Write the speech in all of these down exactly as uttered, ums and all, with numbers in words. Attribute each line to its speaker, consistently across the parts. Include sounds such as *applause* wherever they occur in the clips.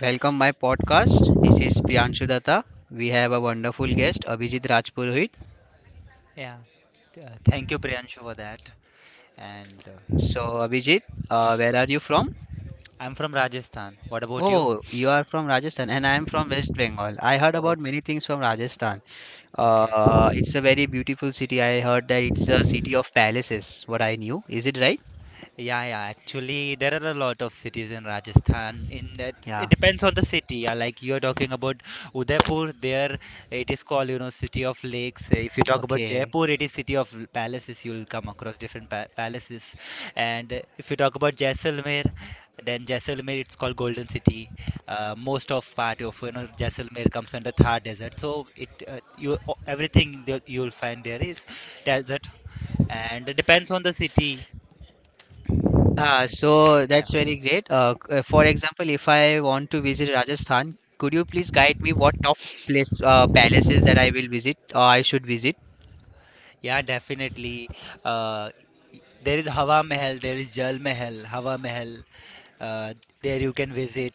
Speaker 1: Welcome my podcast. This is Priyanshu Datta. We have a wonderful guest, Abhijit Rajpurohit.
Speaker 2: Yeah. Th- uh, Thank you, Priyanshu, for that. And uh,
Speaker 1: So Abhijit, uh, where are you from?
Speaker 2: I'm from Rajasthan. What about you?
Speaker 1: Oh, you are from Rajasthan and I am from West Bengal. I heard
Speaker 2: Okay.
Speaker 1: about many things from Rajasthan.
Speaker 2: Okay.
Speaker 1: Uh, it's a very beautiful city. I heard that it's a city of palaces, what I knew. Is it right?
Speaker 2: Yeah, yeah. Actually, there are a lot of cities in Rajasthan. In that, it
Speaker 1: Yeah.
Speaker 2: depends on the city. Yeah, like you are talking about Udaipur, there it is called, you know, city of lakes. Uh, If you talk about
Speaker 1: Okay.
Speaker 2: Jaipur, it is city of l- palaces. You'll come across different pa palaces. And uh, if you talk about Jaisalmer, then Jaisalmer it's called Golden City. Uh, most of part of you know Jaisalmer comes under Thar Desert. So it uh, you o- everything that you'll find there is desert, and it depends on the city.
Speaker 1: Ah,
Speaker 2: That's,
Speaker 1: so
Speaker 2: yeah.
Speaker 1: that's very great. Uh, c- uh, for example, if I want to visit Rajasthan, could you please guide me what top place uh, palaces that I will visit or I should visit?
Speaker 2: Yeah, definitely. Uh, y- there is Hawa Mahal, there is Jal Mahal, Hawa Mahal. Uh, there you can visit.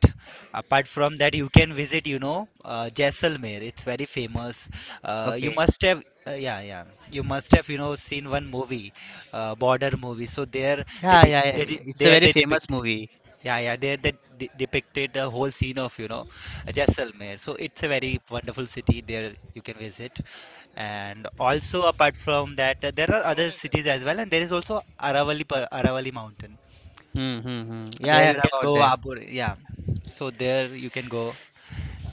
Speaker 2: Apart from that, you can visit, you know, uh, Jaisalmer. It's very famous. Uh, you
Speaker 1: Okay.
Speaker 2: must have, uh, yeah, yeah. You must have, you know, seen one movie, uh, border movie. So there, they,
Speaker 1: Yeah,
Speaker 2: de-
Speaker 1: yeah, yeah,
Speaker 2: they,
Speaker 1: yeah.
Speaker 2: de-
Speaker 1: It's a
Speaker 2: there
Speaker 1: very
Speaker 2: they
Speaker 1: famous
Speaker 2: depicted.
Speaker 1: movie.
Speaker 2: Yeah, yeah. There they de- depicted the whole scene of, you know, Jaisalmer. So it's a very wonderful city. There you can visit. And also apart from that, uh, there are other cities as well, and there is also Aravali Pa- Aravalli Mountain.
Speaker 1: Hmm, hmm, hmm. Yeah, I
Speaker 2: There
Speaker 1: heard
Speaker 2: you can
Speaker 1: about
Speaker 2: go
Speaker 1: that.
Speaker 2: Abur, yeah. So there you can go,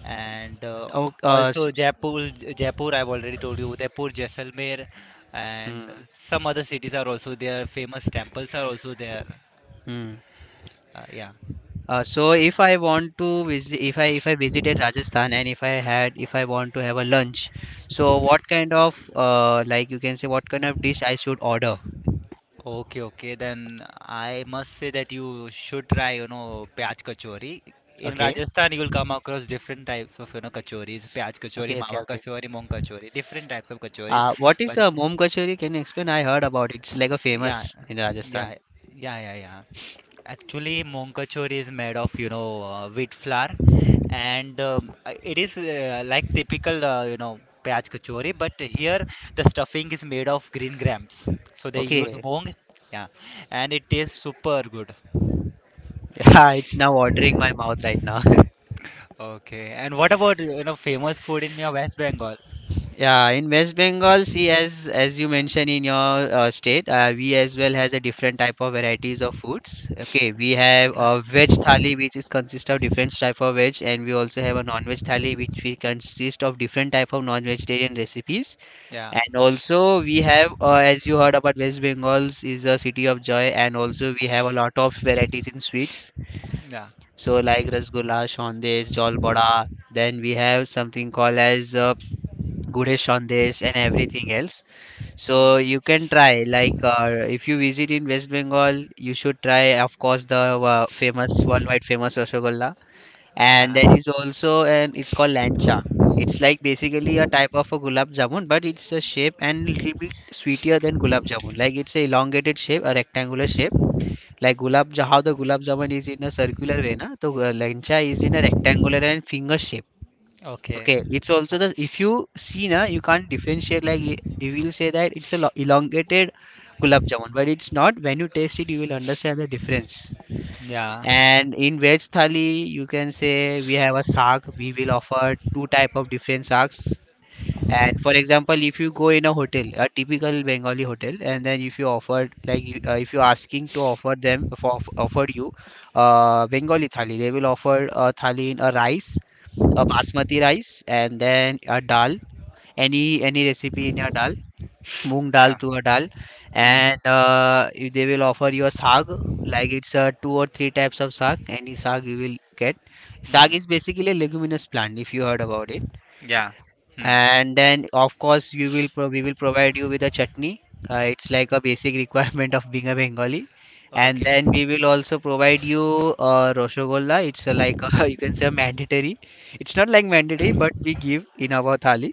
Speaker 2: and uh,
Speaker 1: Oh, uh, so,
Speaker 2: also Jaipur, J- Jaipur. I've already told you Udaipur, Jaisalmer, and
Speaker 1: hmm,
Speaker 2: some other cities are also there. Famous temples are also there.
Speaker 1: hmm.
Speaker 2: Uh, yeah.
Speaker 1: Uh, so if I want to visit, if I if I visited Rajasthan and if I had, if I want to have a lunch, so what kind of uh, like you can say what kind of dish I should order?
Speaker 2: Okay, okay. Then I must say that you should try, you know, pyaj kachori. In
Speaker 1: Okay.
Speaker 2: Rajasthan, you will come across different types of, you know, kachoris. Pyaj kachori,
Speaker 1: Okay, okay,
Speaker 2: mawa
Speaker 1: okay.
Speaker 2: kachori, moong kachori. Different types of kachoris.
Speaker 1: Uh, what is
Speaker 2: But
Speaker 1: a Mom Kachori? Can you explain? I heard about it. It's like a
Speaker 2: yeah,
Speaker 1: famous in Rajasthan.
Speaker 2: yeah, yeah, yeah, yeah. Actually, moong kachori is made of, you know, uh, wheat flour, and um, uh, it is uh, like typical, uh, you know, pyaj kachori. But here, the stuffing is made of green grams. So they use
Speaker 1: Okay. *laughs*
Speaker 2: moong. Yeah, and it tastes super good.
Speaker 1: Yeah, it's now watering my mouth right now. *laughs*
Speaker 2: Okay. And what about, you know, famous food in your West Bengal?
Speaker 1: Yeah, in West Bengal, see, as as you mentioned in your uh, state, uh, we as well has a different type of varieties of foods. Okay, we have
Speaker 2: Yeah.
Speaker 1: a veg thali, which is consist of different type of veg, and we also have a non-veg thali, which we consist of different type of non-vegetarian recipes.
Speaker 2: Yeah.
Speaker 1: And also, we have, uh, as you heard about West Bengals is a city of joy, and also we have a lot of varieties in sweets.
Speaker 2: Yeah.
Speaker 1: So like rasgulla, shondesh, jalpada. Then we have something called as uh, gude shondesh and everything else. So you can try. Like uh, if you visit in West Bengal, you should try, of course, the uh, famous worldwide famous rasgulla, and
Speaker 2: Yeah.
Speaker 1: there is also an it's called lancha. It's like basically a type of a gulab jamun, but it's a shape and little bit sweeter than gulab jamun. Like it's a elongated shape, a rectangular shape. Like gulab, ja- how the gulab jamun is in a circular way, na? So uh, lancha is in a rectangular and finger shape.
Speaker 2: Okay.
Speaker 1: Okay, it's also the if you see na, you can't differentiate. Like y- you will say that it's a lo- elongated gulab jamun, but it's not. When you taste it, you will understand the difference.
Speaker 2: Yeah. Yeah.
Speaker 1: And in veg thali, you can say we have a saag. We will offer two type of different saags. And for example, if you go in a hotel, a typical Bengali hotel, and then if you offered like you- uh, if you're asking to offer them for offered you uh, Bengali thali, they will offer a thali in a rice, a basmati rice, and then a dal, any any recipe in your dal, moong dal
Speaker 2: Yeah.
Speaker 1: to a dal,
Speaker 2: Hmm.
Speaker 1: and uh, if they will offer you a sag like it's uh, two or three types of sag, any sag you will get. Sag
Speaker 2: Hmm.
Speaker 1: is basically a leguminous plant, if you heard about it,
Speaker 2: Yeah. Hmm.
Speaker 1: and then of course you will pro- we will provide you with a chutney. Uh, it's like a basic *laughs* requirement of being a Bengali, and
Speaker 2: Okay.
Speaker 1: then we will also provide you uh, roshogolla. It's uh, like *laughs* you can say a mandatory, it's not like mandatory but we give in our thali,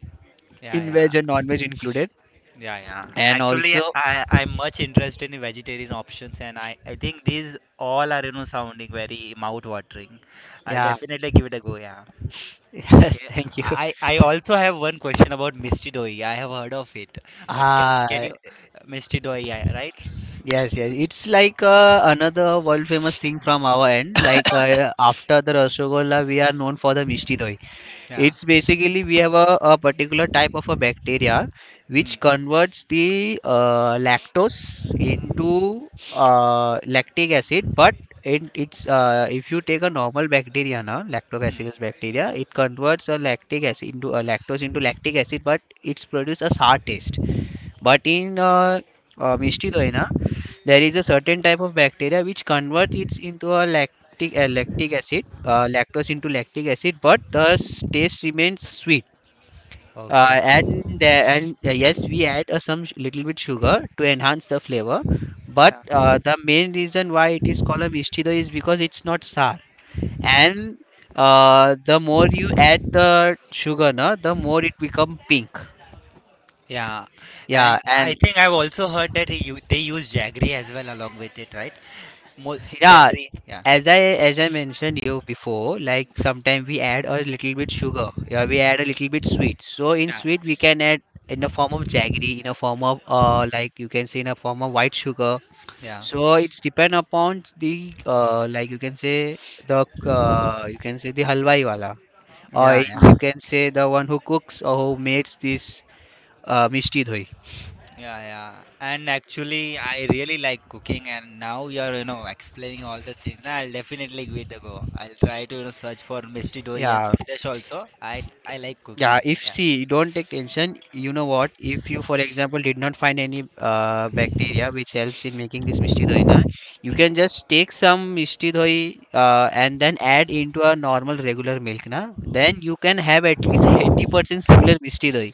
Speaker 2: Yeah,
Speaker 1: in veg and
Speaker 2: yeah.
Speaker 1: non veg included,
Speaker 2: Yeah, yeah.
Speaker 1: and
Speaker 2: Actually,
Speaker 1: also
Speaker 2: I I'm much interested in vegetarian options, and I I think these all are you know sounding very mouth-watering. I'll
Speaker 1: yeah.
Speaker 2: definitely give it a go. Yeah.
Speaker 1: Yes,
Speaker 2: Okay.
Speaker 1: *laughs* thank you.
Speaker 2: I I also have one question about Misty Doi. I have heard of it, but can
Speaker 1: Ah,
Speaker 2: can you Misty Doi? Yeah, right?
Speaker 1: yes, yes. It's like uh, another world famous thing from our end. Like uh, after the Rasgulla, we are known for the Mishti Doi.
Speaker 2: Yeah.
Speaker 1: It's basically we have a, a particular type of a bacteria
Speaker 2: Hmm.
Speaker 1: which converts the uh, lactose into uh, lactic acid, but it, it's uh, if you take a normal bacteria, now
Speaker 2: Mm.
Speaker 1: lactobacillus bacteria, it
Speaker 2: Yeah.
Speaker 1: converts a lactic acid into a lactose into lactic acid, but it's produce a sour taste. But in uh, uh, Mishti Doina, there is a certain type of bacteria which converts it into a lactic, uh, lactic acid, uh, lactose into lactic acid, but the s- taste remains sweet.
Speaker 2: Okay.
Speaker 1: Uh, and the, and uh, yes, we add uh, some sh- little bit sugar to enhance the flavor. But
Speaker 2: Yeah.
Speaker 1: uh, the main reason why it is called a Mishti Doi is because it's not sour. And uh, the more you add the sugar, na, the more it become pink.
Speaker 2: Yeah. And
Speaker 1: Yeah,
Speaker 2: I
Speaker 1: and
Speaker 2: think I've also heard that they u- they use jaggery as well along with it, right? Mo
Speaker 1: yeah,
Speaker 2: jaggery. Yeah.
Speaker 1: as I as I mentioned you before, like sometimes we add a little bit sugar. Yeah, we add a little bit sweet. So in
Speaker 2: Yeah.
Speaker 1: sweet we can add in the form of jaggery, in a form of uh like you can say in a form of white sugar.
Speaker 2: Yeah.
Speaker 1: So it's depend upon the uh like you can say the uh, you can say the halwai wala, or
Speaker 2: Yeah,
Speaker 1: in,
Speaker 2: yeah,
Speaker 1: you can say the one who cooks or who makes this uh, mishti doi.
Speaker 2: yeah, yeah. And actually, I really like cooking, and now you're, you know, explaining all the things. Nah, I'll definitely give it a go. I'll try to, you know, search for misti Doi and
Speaker 1: Yeah.
Speaker 2: Sondesh also. I I like
Speaker 1: Yeah,
Speaker 2: cooking.
Speaker 1: if
Speaker 2: Yeah.
Speaker 1: see, don't take tension. You know what? If you, for example, did not find any uh, bacteria which helps in making this mishti doi na, you can just take some mishti doi uh, and then add into a normal regular milk na. Then you can have at least *laughs* eighty percent similar mishti doi.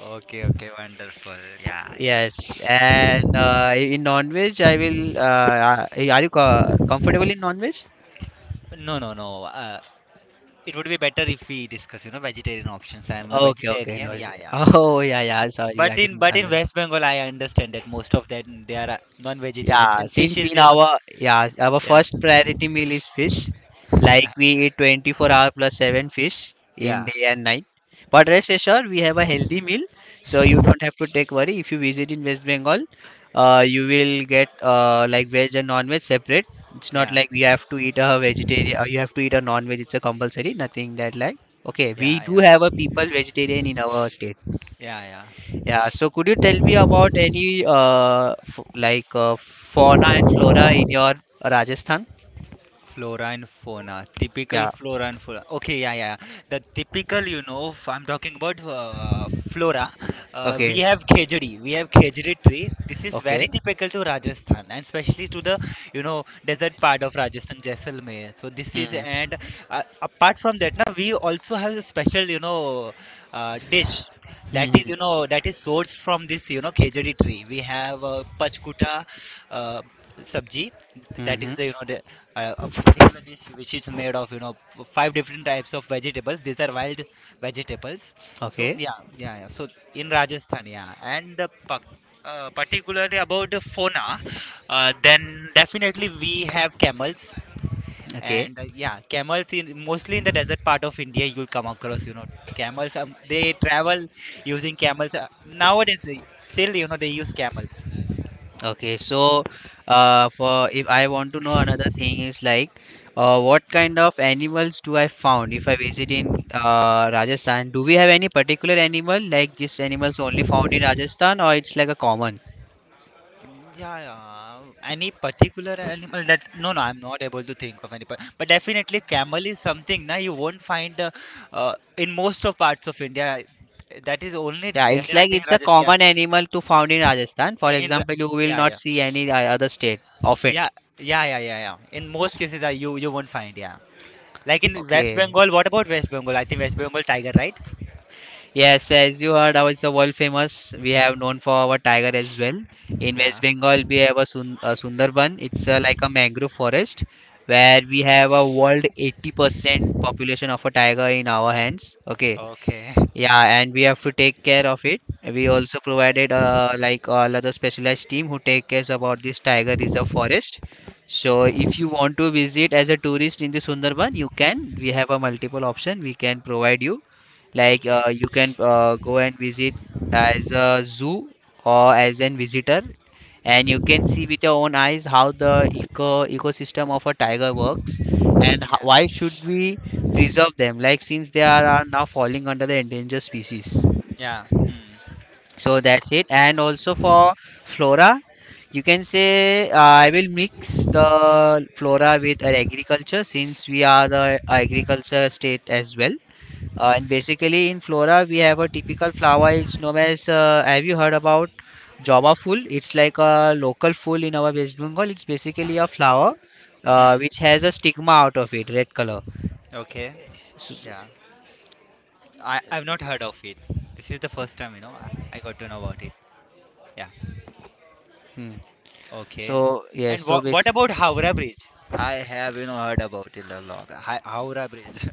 Speaker 2: Okay, okay, wonderful. Yeah, yeah.
Speaker 1: Yes, and uh, in non-veg, I will. Uh, uh, are you co comfortable in non-veg?
Speaker 2: No, no, no. Uh, It would be better if we discuss, you know, vegetarian options. I am a
Speaker 1: Okay, okay, no
Speaker 2: vegetarian.
Speaker 1: worries.
Speaker 2: Yeah,
Speaker 1: *laughs*
Speaker 2: yeah.
Speaker 1: Oh, yeah, yeah. Sorry,
Speaker 2: But
Speaker 1: I
Speaker 2: in
Speaker 1: didn't
Speaker 2: but in
Speaker 1: understand.
Speaker 2: West Bengal, I understand that most of them they are uh, non-vegetarians
Speaker 1: Yeah,
Speaker 2: and fish
Speaker 1: since
Speaker 2: is,
Speaker 1: in
Speaker 2: you know, s-
Speaker 1: our yeah our
Speaker 2: yeah,
Speaker 1: first priority meal is fish, like
Speaker 2: yeah,
Speaker 1: we eat twenty-four hour plus seven fish in
Speaker 2: yeah,
Speaker 1: day and night. But rest assured, we have a healthy meal, so you don't have to take worry. If you visit in West Bengal, uh, you will get uh, like veg and non-veg separate. It's not
Speaker 2: yeah,
Speaker 1: like you have to eat a vegetarian or you have to eat a non-veg. It's a compulsory, nothing that like. Okay, we
Speaker 2: yeah,
Speaker 1: do have a
Speaker 2: yeah,
Speaker 1: people vegetarian in our state.
Speaker 2: yeah, yeah.
Speaker 1: Yeah, so could you tell me about any uh f like uh, fauna and flora in your Rajasthan?
Speaker 2: Flora and fauna, typical
Speaker 1: Yeah.
Speaker 2: flora and fauna. Okay, yeah, yeah, yeah. The typical, you know, f- I'm talking about uh, flora. Uh, we
Speaker 1: Okay.
Speaker 2: have khejdi, we have khejdi tree. This is
Speaker 1: Okay.
Speaker 2: very typical to Rajasthan and especially to the, you know, desert part of Rajasthan, Jaisalmer. So this is,
Speaker 1: Hmm.
Speaker 2: and uh, apart from that, now we also have a special, you know, uh, dish. That is,
Speaker 1: Hmm.
Speaker 2: you know, that is sourced from this, you know, khejdi tree. We have uh, pachkuta, uh, sabji,
Speaker 1: Hmm,
Speaker 2: that
Speaker 1: hmm.
Speaker 2: is the you know the uh, a particular dish which is made of you know f- five different types of vegetables. These are wild vegetables. So
Speaker 1: Okay.
Speaker 2: yeah, yeah, yeah. So in Rajasthan, yeah, and uh, pa- uh, particularly about the fauna, uh, then definitely we have camels.
Speaker 1: Okay.
Speaker 2: And uh, yeah, camels, in mostly in the desert part of India you'll come across you know camels. Um, they travel using camels. Uh, nowadays, uh, still you know they use camels.
Speaker 1: Okay. So, uh, for if I want to know another thing is like, uh, what kind of animals do I found if I visit in uh Rajasthan? Do we have any particular animal like this animals only found in Rajasthan or it's like a common?
Speaker 2: Mm, yeah, yeah. Any particular animal that, no, no, I'm not able to think of any, par- but definitely camel is something na you won't find, uh, uh, in most of parts of India. That is only
Speaker 1: Yeah,
Speaker 2: there,
Speaker 1: it's
Speaker 2: in, I
Speaker 1: like
Speaker 2: think,
Speaker 1: it's a
Speaker 2: Rajasthan.
Speaker 1: common animal to found in Rajasthan. For
Speaker 2: Yeah, in the,
Speaker 1: example, you will
Speaker 2: yeah,
Speaker 1: not
Speaker 2: yeah,
Speaker 1: see any o- other state of it.
Speaker 2: yeah, yeah, yeah, yeah, yeah. In most cases, uh, you you won't find. Yeah, like in West
Speaker 1: Okay.
Speaker 2: Bengal. What about West Bengal? I think West Bengal tiger, right?
Speaker 1: Yes, as you heard, our it's a world famous. We have known for our tiger as well. In West
Speaker 2: Yeah.
Speaker 1: Bengal, we have a, sun, a Sundarban. It's a, like a mangrove forest where we have a world eighty percent population of a tiger in our hands. Okay.
Speaker 2: Okay. *laughs*
Speaker 1: Yeah, and we have to take care of it. We also provided uh, like all other specialized team who take cares about this tiger reserve forest. So if you want to visit as a tourist in the Sundarban, you can. We have a multiple option. We can provide you. Like
Speaker 2: Okay.
Speaker 1: uh, you can uh, go and visit as a zoo or as an visitor, and you can see with your own eyes how the eco ecosystem of a tiger works, and ho-
Speaker 2: Yeah.
Speaker 1: why should we preserve them? Like since they are, are now falling under the endangered species.
Speaker 2: Yeah. Hmm.
Speaker 1: So that's it. And also for flora, you can say uh, I will mix the flora with uh, agriculture since we are the agriculture state as well. Uh, and basically in flora we have a typical flower. It's known as uh, have you heard about Java full? It's like a local full in our West Bengal. It's basically a flower uh,
Speaker 2: Hmm.
Speaker 1: which has a stigma out of it, red color.
Speaker 2: Okay.
Speaker 1: So, so-
Speaker 2: Yeah. I I've not heard of it. This is the first time, you know, I, I got to know about it. Yeah.
Speaker 1: hmm.
Speaker 2: Okay.
Speaker 1: So, yes,
Speaker 2: And
Speaker 1: so
Speaker 2: what
Speaker 1: bas
Speaker 2: what about Howrah Bridge? I have, you know, heard about it a lot. Hi, Howrah Bridge.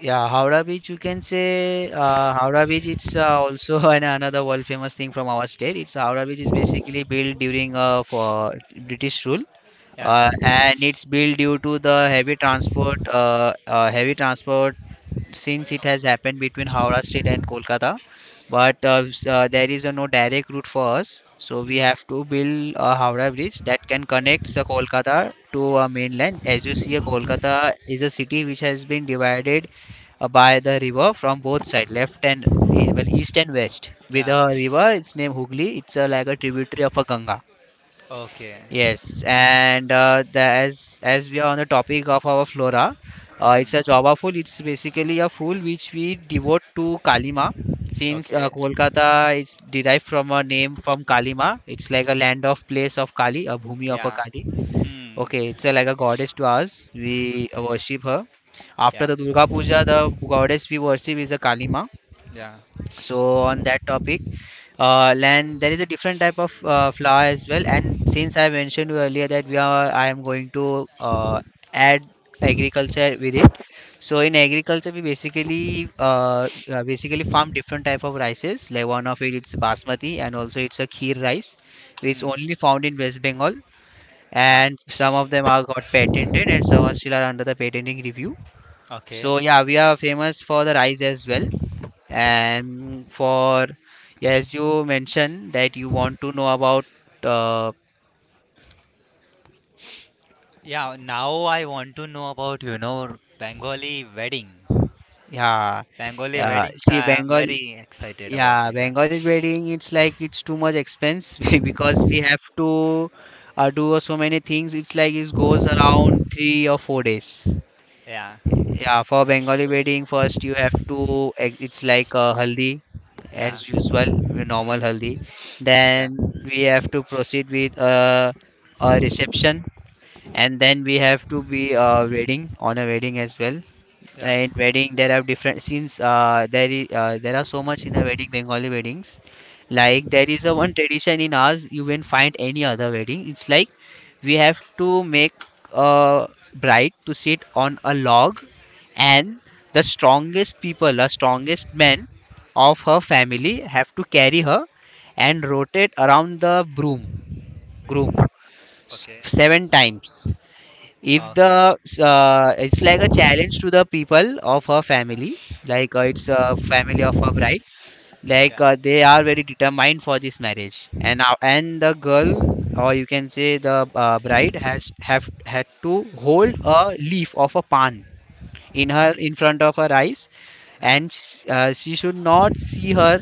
Speaker 1: yeah, Howrah Beach, you can say uh, Howrah Beach. It's uh, also *laughs* an, another world famous thing from our state. It's Howrah Beach is basically built during uh, for British rule,
Speaker 2: *laughs*
Speaker 1: uh,
Speaker 2: Yeah.
Speaker 1: and it's built due to the heavy transport uh, uh, heavy transport since it has happened between Howrah State and Kolkata. But uh, s- uh, there is uh, no direct route for us, so we
Speaker 2: Hmm.
Speaker 1: have to build a Howrah bridge that can connect uh, Kolkata to uh, mainland. As you see, uh, Kolkata is a city which has been divided uh, by the river from both sides, left and east, well, east and west. With
Speaker 2: Yeah.
Speaker 1: a river, it's named Hooghly. It's uh, like a tributary of a Ganga.
Speaker 2: Okay.
Speaker 1: Yes, and uh, the, as as we are on the topic of our flora, uh, it's a
Speaker 2: Hmm.
Speaker 1: java full. It's basically a full which we devote to Kalima. Since uh,
Speaker 2: Okay.
Speaker 1: Kolkata is derived from a name from Kalima, it's like a land of place of Kali, a bhumi of a
Speaker 2: Yeah.
Speaker 1: Kali.
Speaker 2: Hmm.
Speaker 1: Okay, it's a, like a goddess to us. We worship her. After
Speaker 2: Yeah.
Speaker 1: the Durga Puja, the goddess we worship is a Kalima.
Speaker 2: Yeah.
Speaker 1: So on that topic, uh, and there is a different type of uh, flour as well, and since I mentioned you earlier that we are I am going to uh, add agriculture with it. So in agriculture we basically uh, uh, basically farm different type of rices, like one of it, it's basmati, and also it's a kheer rice which
Speaker 2: Hmm.
Speaker 1: only found in West Bengal,
Speaker 2: Yeah.
Speaker 1: and some of them are got patented and some are still are under the patenting review.
Speaker 2: Okay.
Speaker 1: So yeah, we are famous for the rice as well.
Speaker 2: Yeah.
Speaker 1: And for yeah, as you mentioned that you want to know about uh,
Speaker 2: Yeah. Now I want to know about, you know, Bengali wedding.
Speaker 1: yeah.
Speaker 2: Bengali
Speaker 1: yeah
Speaker 2: weddings.
Speaker 1: See,
Speaker 2: I am
Speaker 1: Bengal,
Speaker 2: very excited about
Speaker 1: yeah,
Speaker 2: it. Yeah.
Speaker 1: Bengali wedding, it's like it's too much expense *laughs* because we have to uh, do so many things. It's like it goes around three or four days.
Speaker 2: Yeah.
Speaker 1: Yeah, for Bengali wedding, first you have to ex- it's like a haldi,
Speaker 2: Yeah.
Speaker 1: as usual, your normal
Speaker 2: Hmm.
Speaker 1: haldi.
Speaker 2: Yeah.
Speaker 1: Then we have to proceed with uh, a reception, and then we have to be uh, wedding on a wedding as well.
Speaker 2: Yeah.
Speaker 1: In wedding there are different, since uh, there is uh, there are so much in a wedding, Bengali weddings. Like there is a one tradition in ours, you won't find any other wedding. It's like we have to make a bride to sit on a log, and the strongest people, the strongest men of her family, have to carry her and rotate around the broom groom s-
Speaker 2: Okay.
Speaker 1: seven times. If
Speaker 2: Okay.
Speaker 1: the uh, it's like a challenge to the people of her family, like uh, it's a family of her bride, like
Speaker 2: Yeah.
Speaker 1: uh, they are very determined for this marriage, and now and the girl, or you can say the uh, bride has have had to hold a leaf of a pan in her
Speaker 2: Okay.
Speaker 1: in front of her eyes,
Speaker 2: Yeah.
Speaker 1: and sh- uh, she should not see her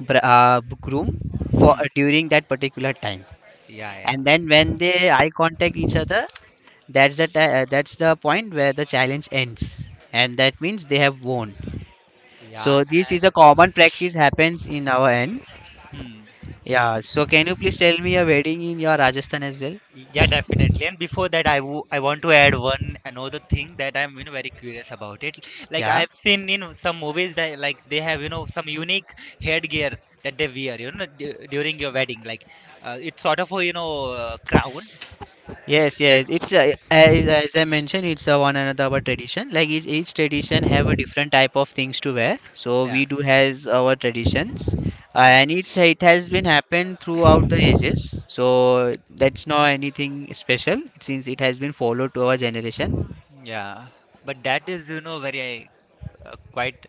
Speaker 1: br- uh, groom for
Speaker 2: Hmm.
Speaker 1: during that particular time.
Speaker 2: Yeah. Yeah.
Speaker 1: And then when they eye contact each other, that's the ti- uh, that's the point where the challenge ends and that means they have won.
Speaker 2: Yeah.
Speaker 1: So this
Speaker 2: And
Speaker 1: is a common practice happens in our end.
Speaker 2: hmm.
Speaker 1: Yeah, so can you please tell me a wedding in your Rajasthan as well?
Speaker 2: Yeah, definitely. And before that, I wo- I want to add one another thing that I'm you know very curious about it. Like
Speaker 1: Yeah.
Speaker 2: I've seen you know some movies that like they have you know some unique headgear that they wear you know d during your wedding. Like uh, it's sort of a you know uh, crown.
Speaker 1: Yes, yes,
Speaker 2: That's
Speaker 1: it's uh, as, as I mentioned, it's a one another our tradition. Like each, each tradition have a different type of things to wear, so
Speaker 2: yeah,
Speaker 1: we do has our traditions. Uh,
Speaker 2: yeah.
Speaker 1: and it's it has been happened throughout the ages, so that's not anything special since it has been followed to our generation.
Speaker 2: Yeah, but that is, you know, very, uh, quite,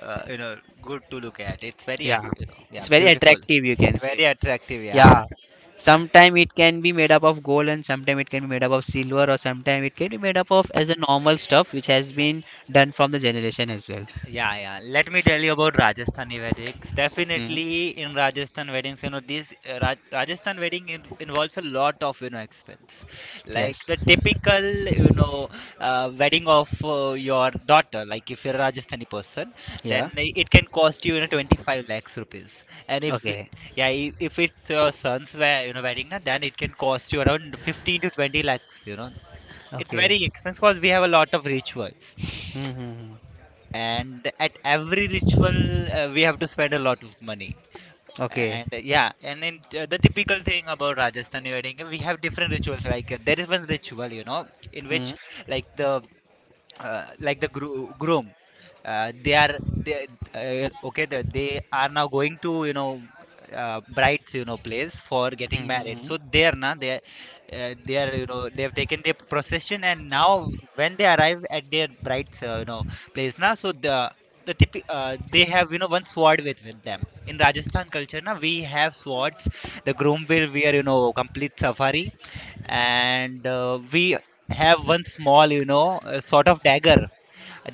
Speaker 2: uh, you know, good to look at. It's very, uh,
Speaker 1: Yeah,
Speaker 2: you know, yeah,
Speaker 1: it's very
Speaker 2: beautiful.
Speaker 1: attractive, you can
Speaker 2: *laughs*
Speaker 1: say.
Speaker 2: Very attractive. Yeah.
Speaker 1: Yeah,
Speaker 2: *laughs*
Speaker 1: sometime it can be made up of gold, and sometime it can be made up of silver, or sometime it can be made up of as a normal stuff which has been done from the generation as well.
Speaker 2: Yeah, yeah. Let me tell you about Rajasthani weddings.
Speaker 1: Hmm.
Speaker 2: Definitely in Rajasthan weddings, you know, this uh, Ra Rajasthan wedding in involves a lot of, you know, expense. Like
Speaker 1: Yes.
Speaker 2: the typical, you know, uh, wedding of uh, your daughter, like if you're a Rajasthani person, then
Speaker 1: Yeah.
Speaker 2: i- it can cost you, you know, twenty-five lakhs rupees. And if,
Speaker 1: Okay.
Speaker 2: yeah, i- if it's your son's, wed- you know, wedding, na, then it can cost you around fifteen to twenty lakhs, you know. It's
Speaker 1: Okay.
Speaker 2: very expensive because we have a lot of rituals,
Speaker 1: Mm-hmm.
Speaker 2: and at every ritual uh, we have to spend a lot of money.
Speaker 1: Okay.
Speaker 2: And uh, yeah, and then uh, the typical thing about Rajasthani wedding, uh, we have different rituals. Like uh, there is one ritual, you know in which,
Speaker 1: Hmm.
Speaker 2: like the uh, like the gro- groom, uh, they are they uh, okay the, they are now going to, you know uh, bride's you know place for getting
Speaker 1: hmm hmm,
Speaker 2: married.
Speaker 1: hmm.
Speaker 2: So they are now they are, uh, they are, you know they have taken their procession, and now when they arrive at their bride's, uh, you know place now. So the the typi- uh, they have, you know one sword with, with them. In Rajasthan culture, na, we have swords. The groom will wear, you know complete safari, and uh, we have one small, you know uh, sort of dagger,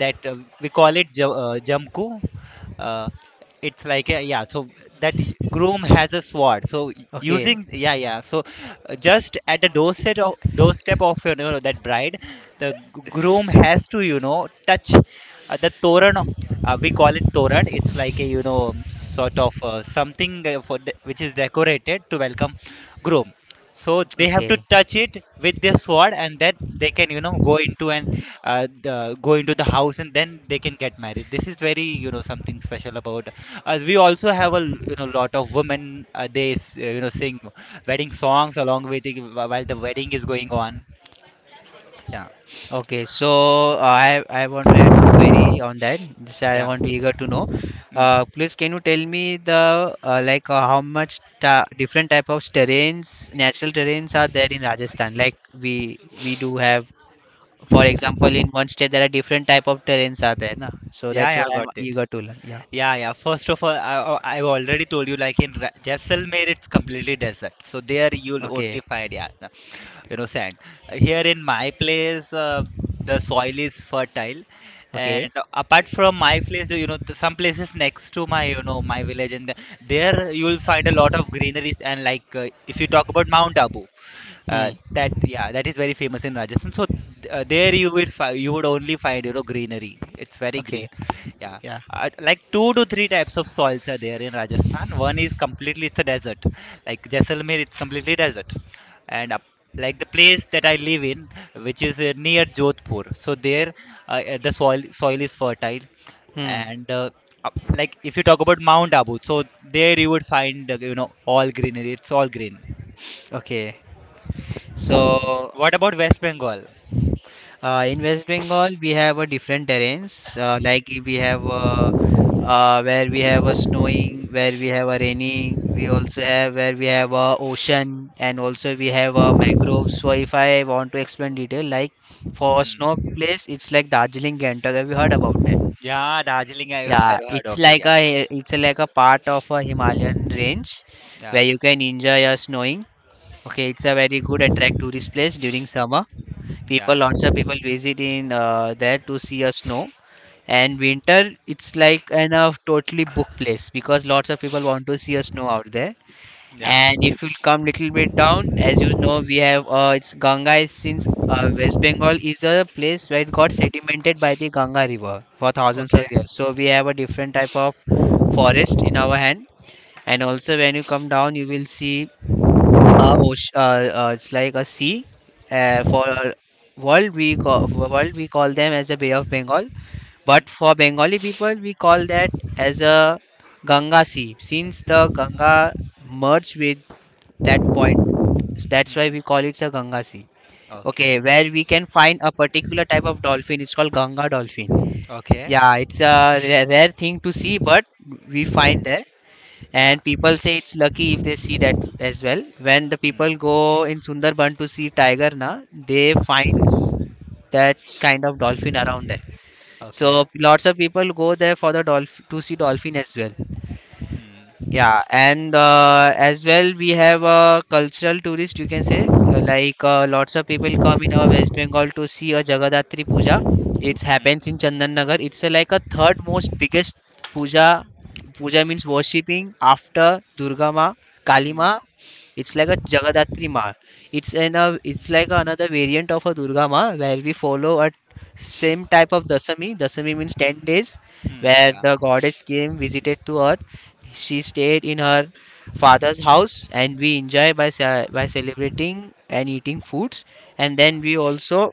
Speaker 2: that uh, we call it ja- uh, jamku. uh, it's like a, yeah, so that groom has a sword. So
Speaker 1: Okay.
Speaker 2: using, yeah, yeah, so uh, just at the doorstep of, doorstep of, you know that bride the g- groom has to, you know touch uh, the toran. Uh, we call it toran. It's like a, you know um, sort of, uh, something, uh, for the, which is decorated to welcome groom. So they have to
Speaker 1: Okay.
Speaker 2: touch it with their sword, and then they can, you know go into, and uh, the, go into the house, and then they can get married. This is very, you know, something special about, as we also have a, l- you know lot of women, uh, they s- uh, you know sing wedding songs along with the, while the wedding is going on. Yeah,
Speaker 1: Okay, so uh, I I want to add one query on that. This I
Speaker 2: yeah.
Speaker 1: want to eager to know.
Speaker 2: Mm.
Speaker 1: Uh, please, can you tell me the uh, like uh, how much ta different type of terrains, natural terrains are there in Rajasthan? Like we we do have, for example, in one state there are different type of terrains are there, na? So
Speaker 2: Yeah,
Speaker 1: that's
Speaker 2: yeah,
Speaker 1: what I'm
Speaker 2: got it.
Speaker 1: eager to learn. Yeah.
Speaker 2: Yeah, yeah. First of all, I, I- I've already told you, like in Ra- Jaisalmer, it's completely desert. So there you'll
Speaker 1: Okay.
Speaker 2: only find, yeah, you know, sand. Here in my place, uh, the soil is fertile,
Speaker 1: Okay.
Speaker 2: and apart from my place, you know, the, some places next to my, you know, my village and the, there you will find a lot of greeneries. And like, uh, if you talk about Mount Abu, uh,
Speaker 1: Hmm.
Speaker 2: that, yeah, that is very famous in Rajasthan. So th- uh, there you would fi- you would only find, you know, greenery. It's very
Speaker 1: Okay.
Speaker 2: green, yeah.
Speaker 1: Yeah.
Speaker 2: Uh, like two to three types of soils are there in Rajasthan. One is completely, it's a desert, like Jaisalmer, it's completely desert. And up, like the place that I live in, which is uh, near Jodhpur, so there, uh, uh, the soil soil is fertile,
Speaker 1: Hmm.
Speaker 2: and uh, up- like if you talk about Mount Abu, so there you would find, uh, you know, all greenery. It's all green.
Speaker 1: Okay. So
Speaker 2: What about West Bengal?
Speaker 1: Uh, in West Bengal, we have a different terrains. Uh, like i- we have uh, uh, where we have a snowing, where we have a raining. We also have where we have a ocean, and also we have a mangroves. So if I want to explain detail, like for snow
Speaker 2: Mm.
Speaker 1: place, it's like Darjeeling, Gangtok. Have you heard about that?
Speaker 2: Yeah, Darjeeling, I've,
Speaker 1: Yeah,
Speaker 2: I've heard
Speaker 1: it's
Speaker 2: of it.
Speaker 1: like
Speaker 2: Yeah,
Speaker 1: a it's a, like a part of a Himalayan range
Speaker 2: yeah,
Speaker 1: where you can enjoy your snowing. Okay, it's a very good attract tourist place during summer. People,
Speaker 2: yeah,
Speaker 1: lots of people, visit in uh, there to see a snow, and winter it's like an a totally booked place because lots of people want to see a snow out there.
Speaker 2: yeah.
Speaker 1: And if you come little bit down, as you know, we have uh, it's ganga is, since uh, West Bengal is a place where it got sedimented by the Ganga river for thousands
Speaker 2: Okay.
Speaker 1: of years, so we have a different type of forest in our hand. And also when you come down you will see uh, oce- uh, uh, it's like a sea. Uh, for world we call for world we call them as a Bay of Bengal,
Speaker 2: Mm.
Speaker 1: but for Bengali people we call that as a Ganga Sea. Since the Ganga merged with that point, that's why
Speaker 2: Mm.
Speaker 1: we call it a Ganga Sea.
Speaker 2: Okay.
Speaker 1: Okay, where we can find a particular type of dolphin. It's called Ganga dolphin.
Speaker 2: Okay.
Speaker 1: Yeah, it's a ra- rare thing to see, but we find that.
Speaker 2: Yeah.
Speaker 1: And people say it's lucky if they see that as well. When the people
Speaker 2: Mm.
Speaker 1: go in Sundarban to see tiger, na, they finds that kind of dolphin around there.
Speaker 2: Okay.
Speaker 1: So lots of people go there for the dolphin, to see dolphin as well.
Speaker 2: Mm.
Speaker 1: Yeah, and uh, as well, we have a cultural tourist, you can say, uh, like uh, lots of people come in our West Bengal to see a Jagadatri Puja. It happens
Speaker 2: Mm.
Speaker 1: in Chandan Nagar. It's uh, like a third most biggest puja. Puja means worshipping. After Durga Ma,
Speaker 2: Mm.
Speaker 1: Kalima, it's like a Jagadatri Ma. It's an a, it's like another variant of a Durga Ma where we follow a same type of Dasami. Dasami means ten days,
Speaker 2: Mm.
Speaker 1: where
Speaker 2: Yeah.
Speaker 1: the goddess came visited to Earth. She stayed in her father's house, and we enjoy by ce- by celebrating and eating foods. And
Speaker 2: Yeah.
Speaker 1: then we also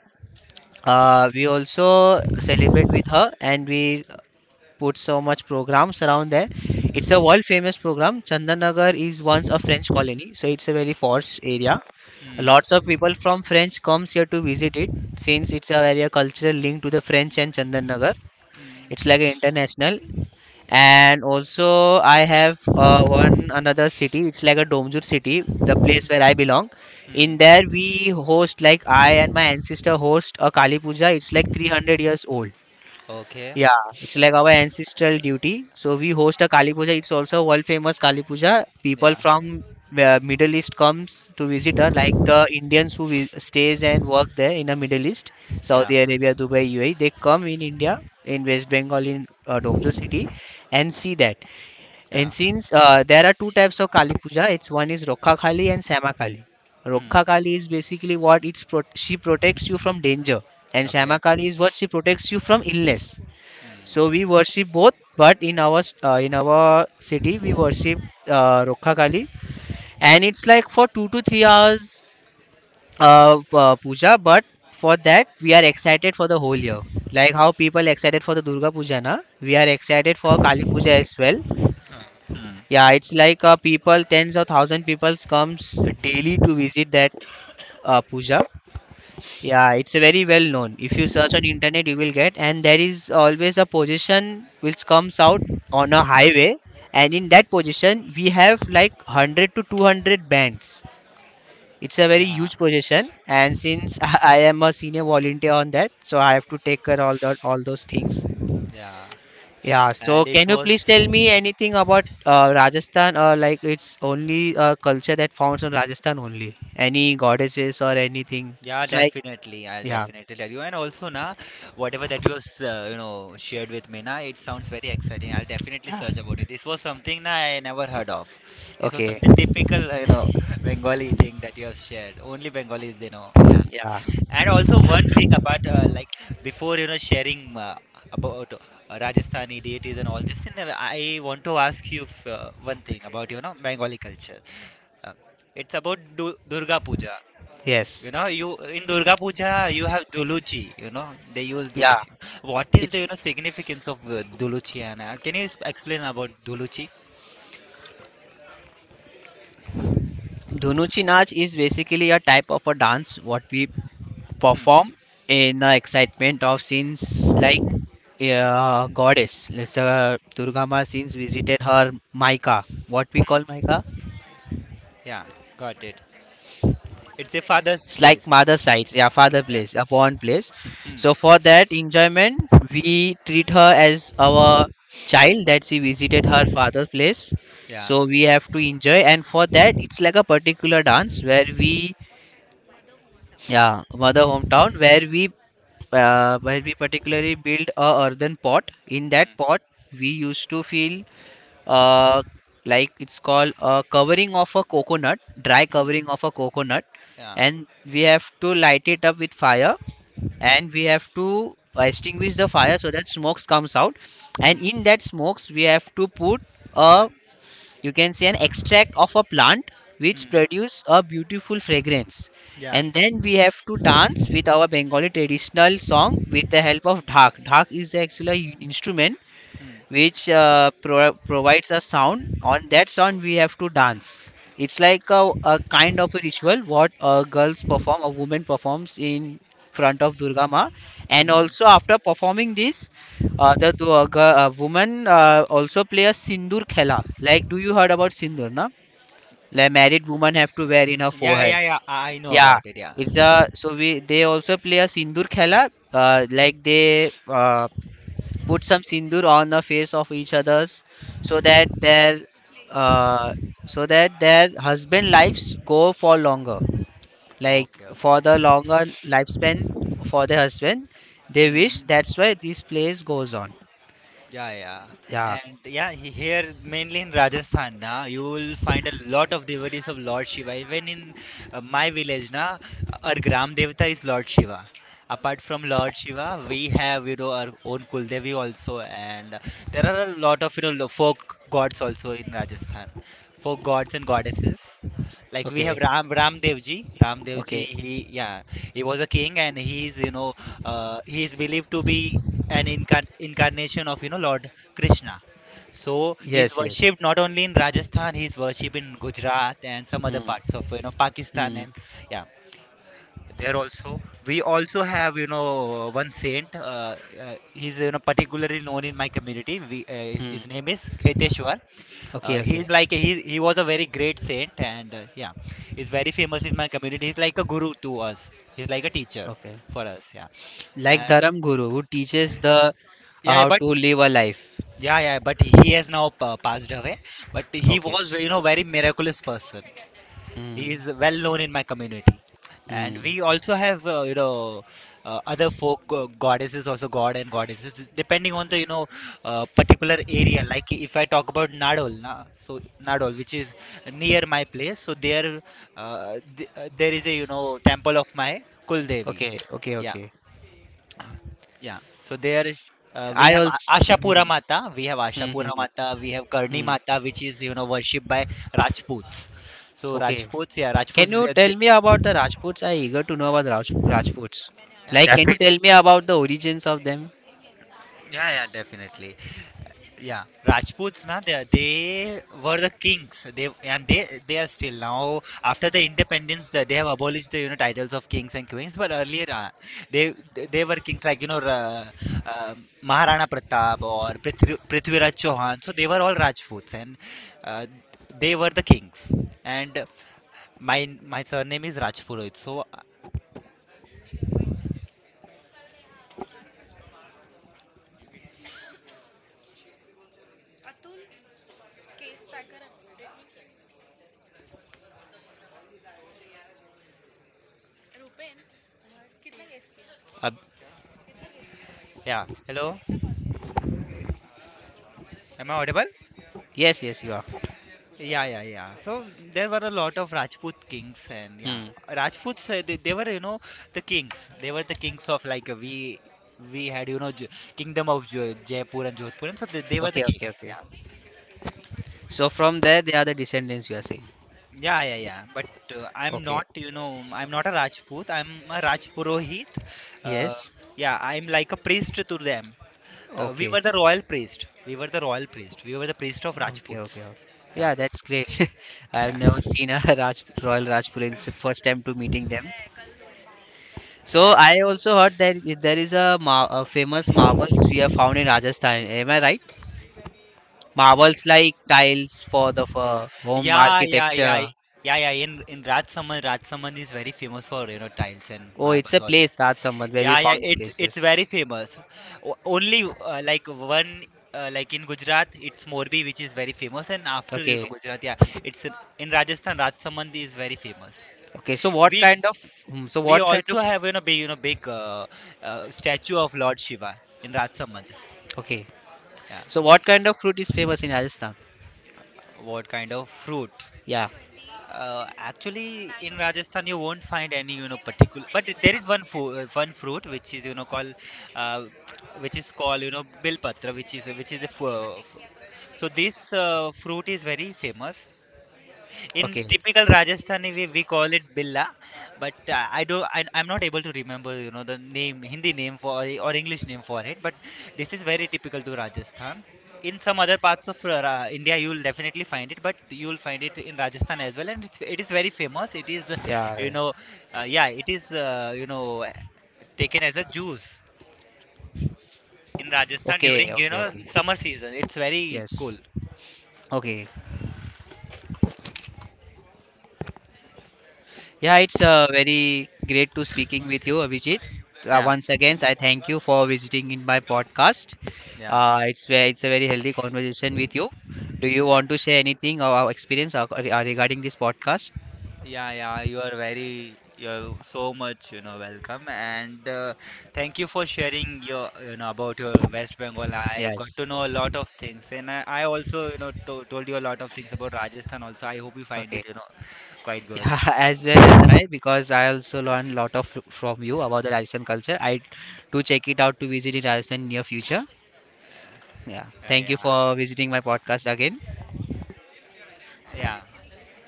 Speaker 1: uh, we also celebrate with her, and we put so much programs around there. It's a world famous program. Chandanagar is once a French colony, so it's a very posh area.
Speaker 2: Mm.
Speaker 1: Lots of people from French comes here to visit it, since it's a very cultural link to the French and Chandanagar. It's like an international. And also I have uh, one another city. It's like a Domjur city, the place where I belong. In
Speaker 2: Mm.
Speaker 1: there we host, like, I and my ancestor host a Kali Puja. It's like three hundred years old.
Speaker 2: Okay.
Speaker 1: Yeah, it's like our ancestral duty. So we host a Kali Puja. It's also world famous Kali Puja. People
Speaker 2: Yeah.
Speaker 1: from uh, Middle East comes to visit her, like the Indians who vi- stays and work there in the Middle East,
Speaker 2: Yeah.
Speaker 1: Saudi Arabia, Dubai, U A E. They come in India, in West Bengal, in uh, Domjo city, and see that. And
Speaker 2: Yeah.
Speaker 1: since uh, there are two types of Kali Puja, it's one is Rokha Kali and Sama Kali.
Speaker 2: Mm.
Speaker 1: Rokha Kali is basically what, it's pro- she protects you from danger, and
Speaker 2: Okay.
Speaker 1: Sama Kali is what she protects you from illness. So we worship both, but in our s- uh, in our city we worship uh, Rokha Kali, and it's like for two to three hours uh, uh, puja. But for that we are excited for the whole year. Like how people excited for the Durga Puja, na? We are excited for Kali Puja as well.
Speaker 2: Mm.
Speaker 1: Yeah, it's like uh, people, tens of thousand people comes daily to visit that uh, puja. Yeah, it's a very well known. If you search on internet, you will get, and there is always a position which comes out on a highway, and in that position we have like one hundred to two hundred bands. It's a very
Speaker 2: Yeah.
Speaker 1: huge position, and since *laughs* I I am a senior volunteer on that, so I have to take care all that all those things.
Speaker 2: Yeah.
Speaker 1: Yeah, so
Speaker 2: And it
Speaker 1: can you please
Speaker 2: was.
Speaker 1: tell me anything about uh, Rajasthan, or like it's only a culture that found on Rajasthan only? Any goddesses or anything?
Speaker 2: Yeah,
Speaker 1: It's like
Speaker 2: definitely, I'll
Speaker 1: yeah,
Speaker 2: definitely tell you. And also, na, whatever that you s- uh, you know, shared with me, na, it sounds very exciting. I'll definitely
Speaker 1: yeah.
Speaker 2: search about it. This was something, na, I never heard of. This was
Speaker 1: Okay.
Speaker 2: something typical, uh, you know, Bengali thing that you have shared. Only Bengalis, they know. Yeah.
Speaker 1: Yeah,
Speaker 2: *laughs* And also one thing about uh, like before, you know, sharing uh, about uh, Rajasthani deities and all this, thing, uh, I want to ask you f- uh, one thing about, you know, Bengali culture. Uh, it's about Du Durga Puja.
Speaker 1: yes.
Speaker 2: You know, you, in Durga Puja, you have Duluchi. You know, they use
Speaker 1: Yeah,
Speaker 2: Duluchi. What is the, you
Speaker 1: it's
Speaker 2: know, significance of uh, Duluchi? And uh, can you s- explain about Duluchi?
Speaker 1: Dhunuchi Nach is basically a type of a dance what we
Speaker 2: Hmm.
Speaker 1: perform in the excitement of scenes, like uh, goddess. Let's uh, Durga Ma since visited her Maika. What we call Maika?
Speaker 2: Yeah, got it. It's a father's
Speaker 1: It's like
Speaker 2: place.
Speaker 1: mother sites, yeah, father
Speaker 2: Yeah.
Speaker 1: place, a born place. So
Speaker 2: Hmm.
Speaker 1: for that enjoyment, we treat her as our child that she visited her father's place.
Speaker 2: Yeah.
Speaker 1: So we have to enjoy, and for that, it's like a particular dance where we yeah, mother hometown where we uh, where we particularly build a earthen pot. In that
Speaker 2: Hmm.
Speaker 1: pot, we used to feel uh, like it's called a covering of a coconut, dry
Speaker 2: Hmm.
Speaker 1: covering of a coconut,
Speaker 2: Yeah.
Speaker 1: and we have to light it up with fire, and we have to extinguish the fire so that smokes comes out, and in
Speaker 2: Hmm.
Speaker 1: that smokes we have to put a, you can say, an extract of a plant which
Speaker 2: Hmm.
Speaker 1: produce a beautiful fragrance.
Speaker 2: Yeah.
Speaker 1: And then we have to dance with our Bengali traditional song with the help of dhak. Dhak is actually an instrument
Speaker 2: Hmm.
Speaker 1: which uh, pro- provides a sound. On that sound, we have to dance. It's like a, a kind of a ritual what uh, girls perform, a woman performs in front of Durga Ma. And also after performing this, uh, the du- uh, girl, uh, woman, uh, also play a sindur khela. Like, do you heard about sindur, na? Like married woman have to wear in her
Speaker 2: Yeah.
Speaker 1: forehead.
Speaker 2: Yeah. Yeah. I I know
Speaker 1: Yeah,
Speaker 2: about it. Yeah.
Speaker 1: it's a, so we, they also play a sindur khela. Uh, like they uh, put some sindoor on the face of each others, so that their uh, so that their husband lives go for longer, like
Speaker 2: Okay.
Speaker 1: for
Speaker 2: Okay.
Speaker 1: the longer lifespan, for the husband they
Speaker 2: Hmm,
Speaker 1: wish,
Speaker 2: hmm.
Speaker 1: that's why this place goes on.
Speaker 2: Yeah, yeah.
Speaker 1: Yeah.
Speaker 2: And yeah, he- here mainly in Rajasthan, na, you will find a lot of devotees of Lord Shiva. Even in uh, my village, na, our Gram Devata is Lord Shiva. Apart from Lord Shiva, we have, you know, our own Kuldevi also. And uh, there are a lot of, you know, lo- folk gods also in Rajasthan. Folk gods and goddesses. Like we have
Speaker 1: Okay,
Speaker 2: Ram, Ram Devji. Ram Devji,
Speaker 1: okay.
Speaker 2: he, yeah, he was a king and he is, you know, uh, he is believed to be an incar- incarnation of, you know, Lord Krishna. So he's
Speaker 1: Yes, yes.
Speaker 2: worshipped not only in Rajasthan, he's worshipped in Gujarat and some other parts
Speaker 1: Hmm,
Speaker 2: of, you know, Pakistan and
Speaker 1: hmm,
Speaker 2: yeah. There also, we also have, you know, one saint. Uh, uh, he's, you know, particularly known in my community. We, uh, his
Speaker 1: hmm.
Speaker 2: his name is Kheteshwar.
Speaker 1: Okay,
Speaker 2: Uh,
Speaker 1: okay,
Speaker 2: he's like he he was a very great saint and uh, yeah, he's very famous in my community. He's like a guru to us. He's like a teacher
Speaker 1: okay,
Speaker 2: for us. Yeah,
Speaker 1: like
Speaker 2: and
Speaker 1: dharam guru, who teaches the uh,
Speaker 2: yeah,
Speaker 1: how
Speaker 2: but.
Speaker 1: to live a life.
Speaker 2: Yeah, yeah, but he has now pa- passed away. But he
Speaker 1: Okay.
Speaker 2: was,
Speaker 1: S-
Speaker 2: you know, very miraculous person. He
Speaker 1: hmm.
Speaker 2: is well known in my community, and
Speaker 1: Hmm.
Speaker 2: we also have, uh, you know, uh, other folk go- goddesses, also god and goddesses, depending on the, you know, uh, particular area. Like if I talk about Nadol, na, so Nadol, which is near my place, so there, uh, th- uh, there is a, you know, temple of my Kul Devi.
Speaker 1: Okay, okay,
Speaker 2: Yeah.
Speaker 1: okay.
Speaker 2: Yeah. So there is, uh, we
Speaker 1: I
Speaker 2: have A-
Speaker 1: also hmm,
Speaker 2: Ashapura Mata, we have
Speaker 1: hmm,
Speaker 2: Ashapura
Speaker 1: hmm, hmm,
Speaker 2: Mata, we have Karni
Speaker 1: hmm.
Speaker 2: Mata, which is, you know, worshipped by Rajputs. So
Speaker 1: Okay.
Speaker 2: Rajputs, yeah, Rajputs,
Speaker 1: Can
Speaker 2: is-
Speaker 1: you
Speaker 2: uh,
Speaker 1: tell
Speaker 2: th-
Speaker 1: me about the Rajputs? I eager to know about the Raj Rajputs.
Speaker 2: yeah,
Speaker 1: Like, can you
Speaker 2: defi-
Speaker 1: tell me about the origins of them?
Speaker 2: yeah, yeah, definitely. Yeah, Rajputs, na, they, they were the kings. They, and they they are still now, after the independence, that they have abolished the, you know, titles of kings and queens. But earlier, uh, they they they were kings, like, you know, Ra- uh, Maharana Pratap or Prithvi, Prithviraj Chauhan. So they were all Rajputs, and uh, they were the kings. And my my surname is Rajpurohit. So uh,
Speaker 1: Uh,
Speaker 2: yeah, hello, am I audible?
Speaker 1: yes, yes, you are.
Speaker 2: Yeah, yeah, yeah. So mm, there were a lot of Rajput kings, and yeah,
Speaker 1: Hmm.
Speaker 2: Rajputs, uh, they, they were, you know, the kings. They were the kings of like uh, we we had, you know, J- kingdom of J- Jaipur and Jodhpur, and so they, they were the
Speaker 1: Okay, okay,
Speaker 2: kings.
Speaker 1: okay.
Speaker 2: Yeah,
Speaker 1: So from there, they are the descendants, you are saying.
Speaker 2: yeah, yeah, yeah. But uh, I'm
Speaker 1: Okay.
Speaker 2: not, you know, mm, I'm not a Rajput. I'm a Rajpurohit. Uh,
Speaker 1: Yes.
Speaker 2: yeah, I'm like a priest to them. Uh, we
Speaker 1: Okay.
Speaker 2: were the royal priest. We were the royal priest. We were the priest of
Speaker 1: Okay. Okay.
Speaker 2: Rajputs.
Speaker 1: Okay.
Speaker 2: Yeah,
Speaker 1: Yeah, that's great. *laughs* I have
Speaker 2: yeah,
Speaker 1: never seen a *laughs* Raj Royal Rajput. It's the first time to meeting them. So
Speaker 2: yeah.
Speaker 1: I also heard that i- there is a, mar- a famous marble sphere found in Rajasthan. Am I right? Marvels, like tiles, for the for home
Speaker 2: Yeah, yeah, yeah, I-
Speaker 1: architecture.
Speaker 2: yeah, yeah. In in Rajsaman, Rajsaman is very famous for, you know, tiles and
Speaker 1: Oh, it's
Speaker 2: marbles,
Speaker 1: a
Speaker 2: all things.
Speaker 1: place, Raj Sambat, where we
Speaker 2: Yeah, yeah,
Speaker 1: found
Speaker 2: it's it's
Speaker 1: places.
Speaker 2: very famous. O- only uh, like one uh, like in Gujarat, it's Morbi, which is very famous, and after, you
Speaker 1: Okay.
Speaker 2: know, Gujarat, yeah, it's in, in Rajasthan, Rajsaman is very famous.
Speaker 1: Okay. So what
Speaker 2: We
Speaker 1: kind of hmm, so
Speaker 2: we
Speaker 1: what kind of
Speaker 2: also have, you know, big, you know, big uh, uh, statue of Lord Shiva in Rajsaman.
Speaker 1: okay.
Speaker 2: Yeah,
Speaker 1: So what kind of fruit is famous in Rajasthan?
Speaker 2: what kind of fruit?
Speaker 1: Yeah.
Speaker 2: Uh, actually, in Rajasthan, you won't find any, you know, particular. But there is one food, one fruit which is, you know, called, uh, which is called, you know, bilpatra, which is which is a fu- uh, fu- so this uh, fruit is very famous. In
Speaker 1: Okay.
Speaker 2: typical Rajasthani way, we call it billa, but uh, I do I, I'm not able to remember, you know, the name, Hindi name for or English name for it. But this is very typical to Rajasthan. In some other parts of uh, India, you'll definitely find it, but you'll find it in Rajasthan as well, and it's, it is very famous. It is, uh, you
Speaker 1: Yeah.
Speaker 2: know, uh, yeah, it is, uh, you know, taken as a juice in Rajasthan
Speaker 1: Okay.
Speaker 2: during, you
Speaker 1: Okay.
Speaker 2: know,
Speaker 1: Okay.
Speaker 2: summer season. It's very cool.
Speaker 1: Yes. Okay. Yeah, it's uh, very great to speaking with you, Abhijit. Uh,
Speaker 2: Yeah,
Speaker 1: once again, I thank you for visiting in my podcast.
Speaker 2: yeah,
Speaker 1: Uh, it's ve- it's a very healthy conversation with you. Do you
Speaker 2: yeah.
Speaker 1: want to share anything or our experience, or, or uh, regarding this podcast?
Speaker 2: Yeah, yeah, you are very, you're so much, you know, welcome and uh, thank you for sharing your, you know, about your West Bengal. I got to
Speaker 1: Yes.
Speaker 2: know a lot of things and I, I also, you know, to, told you a lot of things about Rajasthan also. I hope you find
Speaker 1: Okay.
Speaker 2: it, you
Speaker 1: *laughs*
Speaker 2: know, quite good.
Speaker 1: Yeah, as well as I, because I also learned a lot of from you about the Rajasthan culture. I do check it out to visit in Rajasthan near future. Yeah.
Speaker 2: Yeah,
Speaker 1: Thank you
Speaker 2: yeah,
Speaker 1: for visiting my podcast again.
Speaker 2: yeah,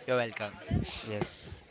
Speaker 2: you're welcome.
Speaker 1: Yes.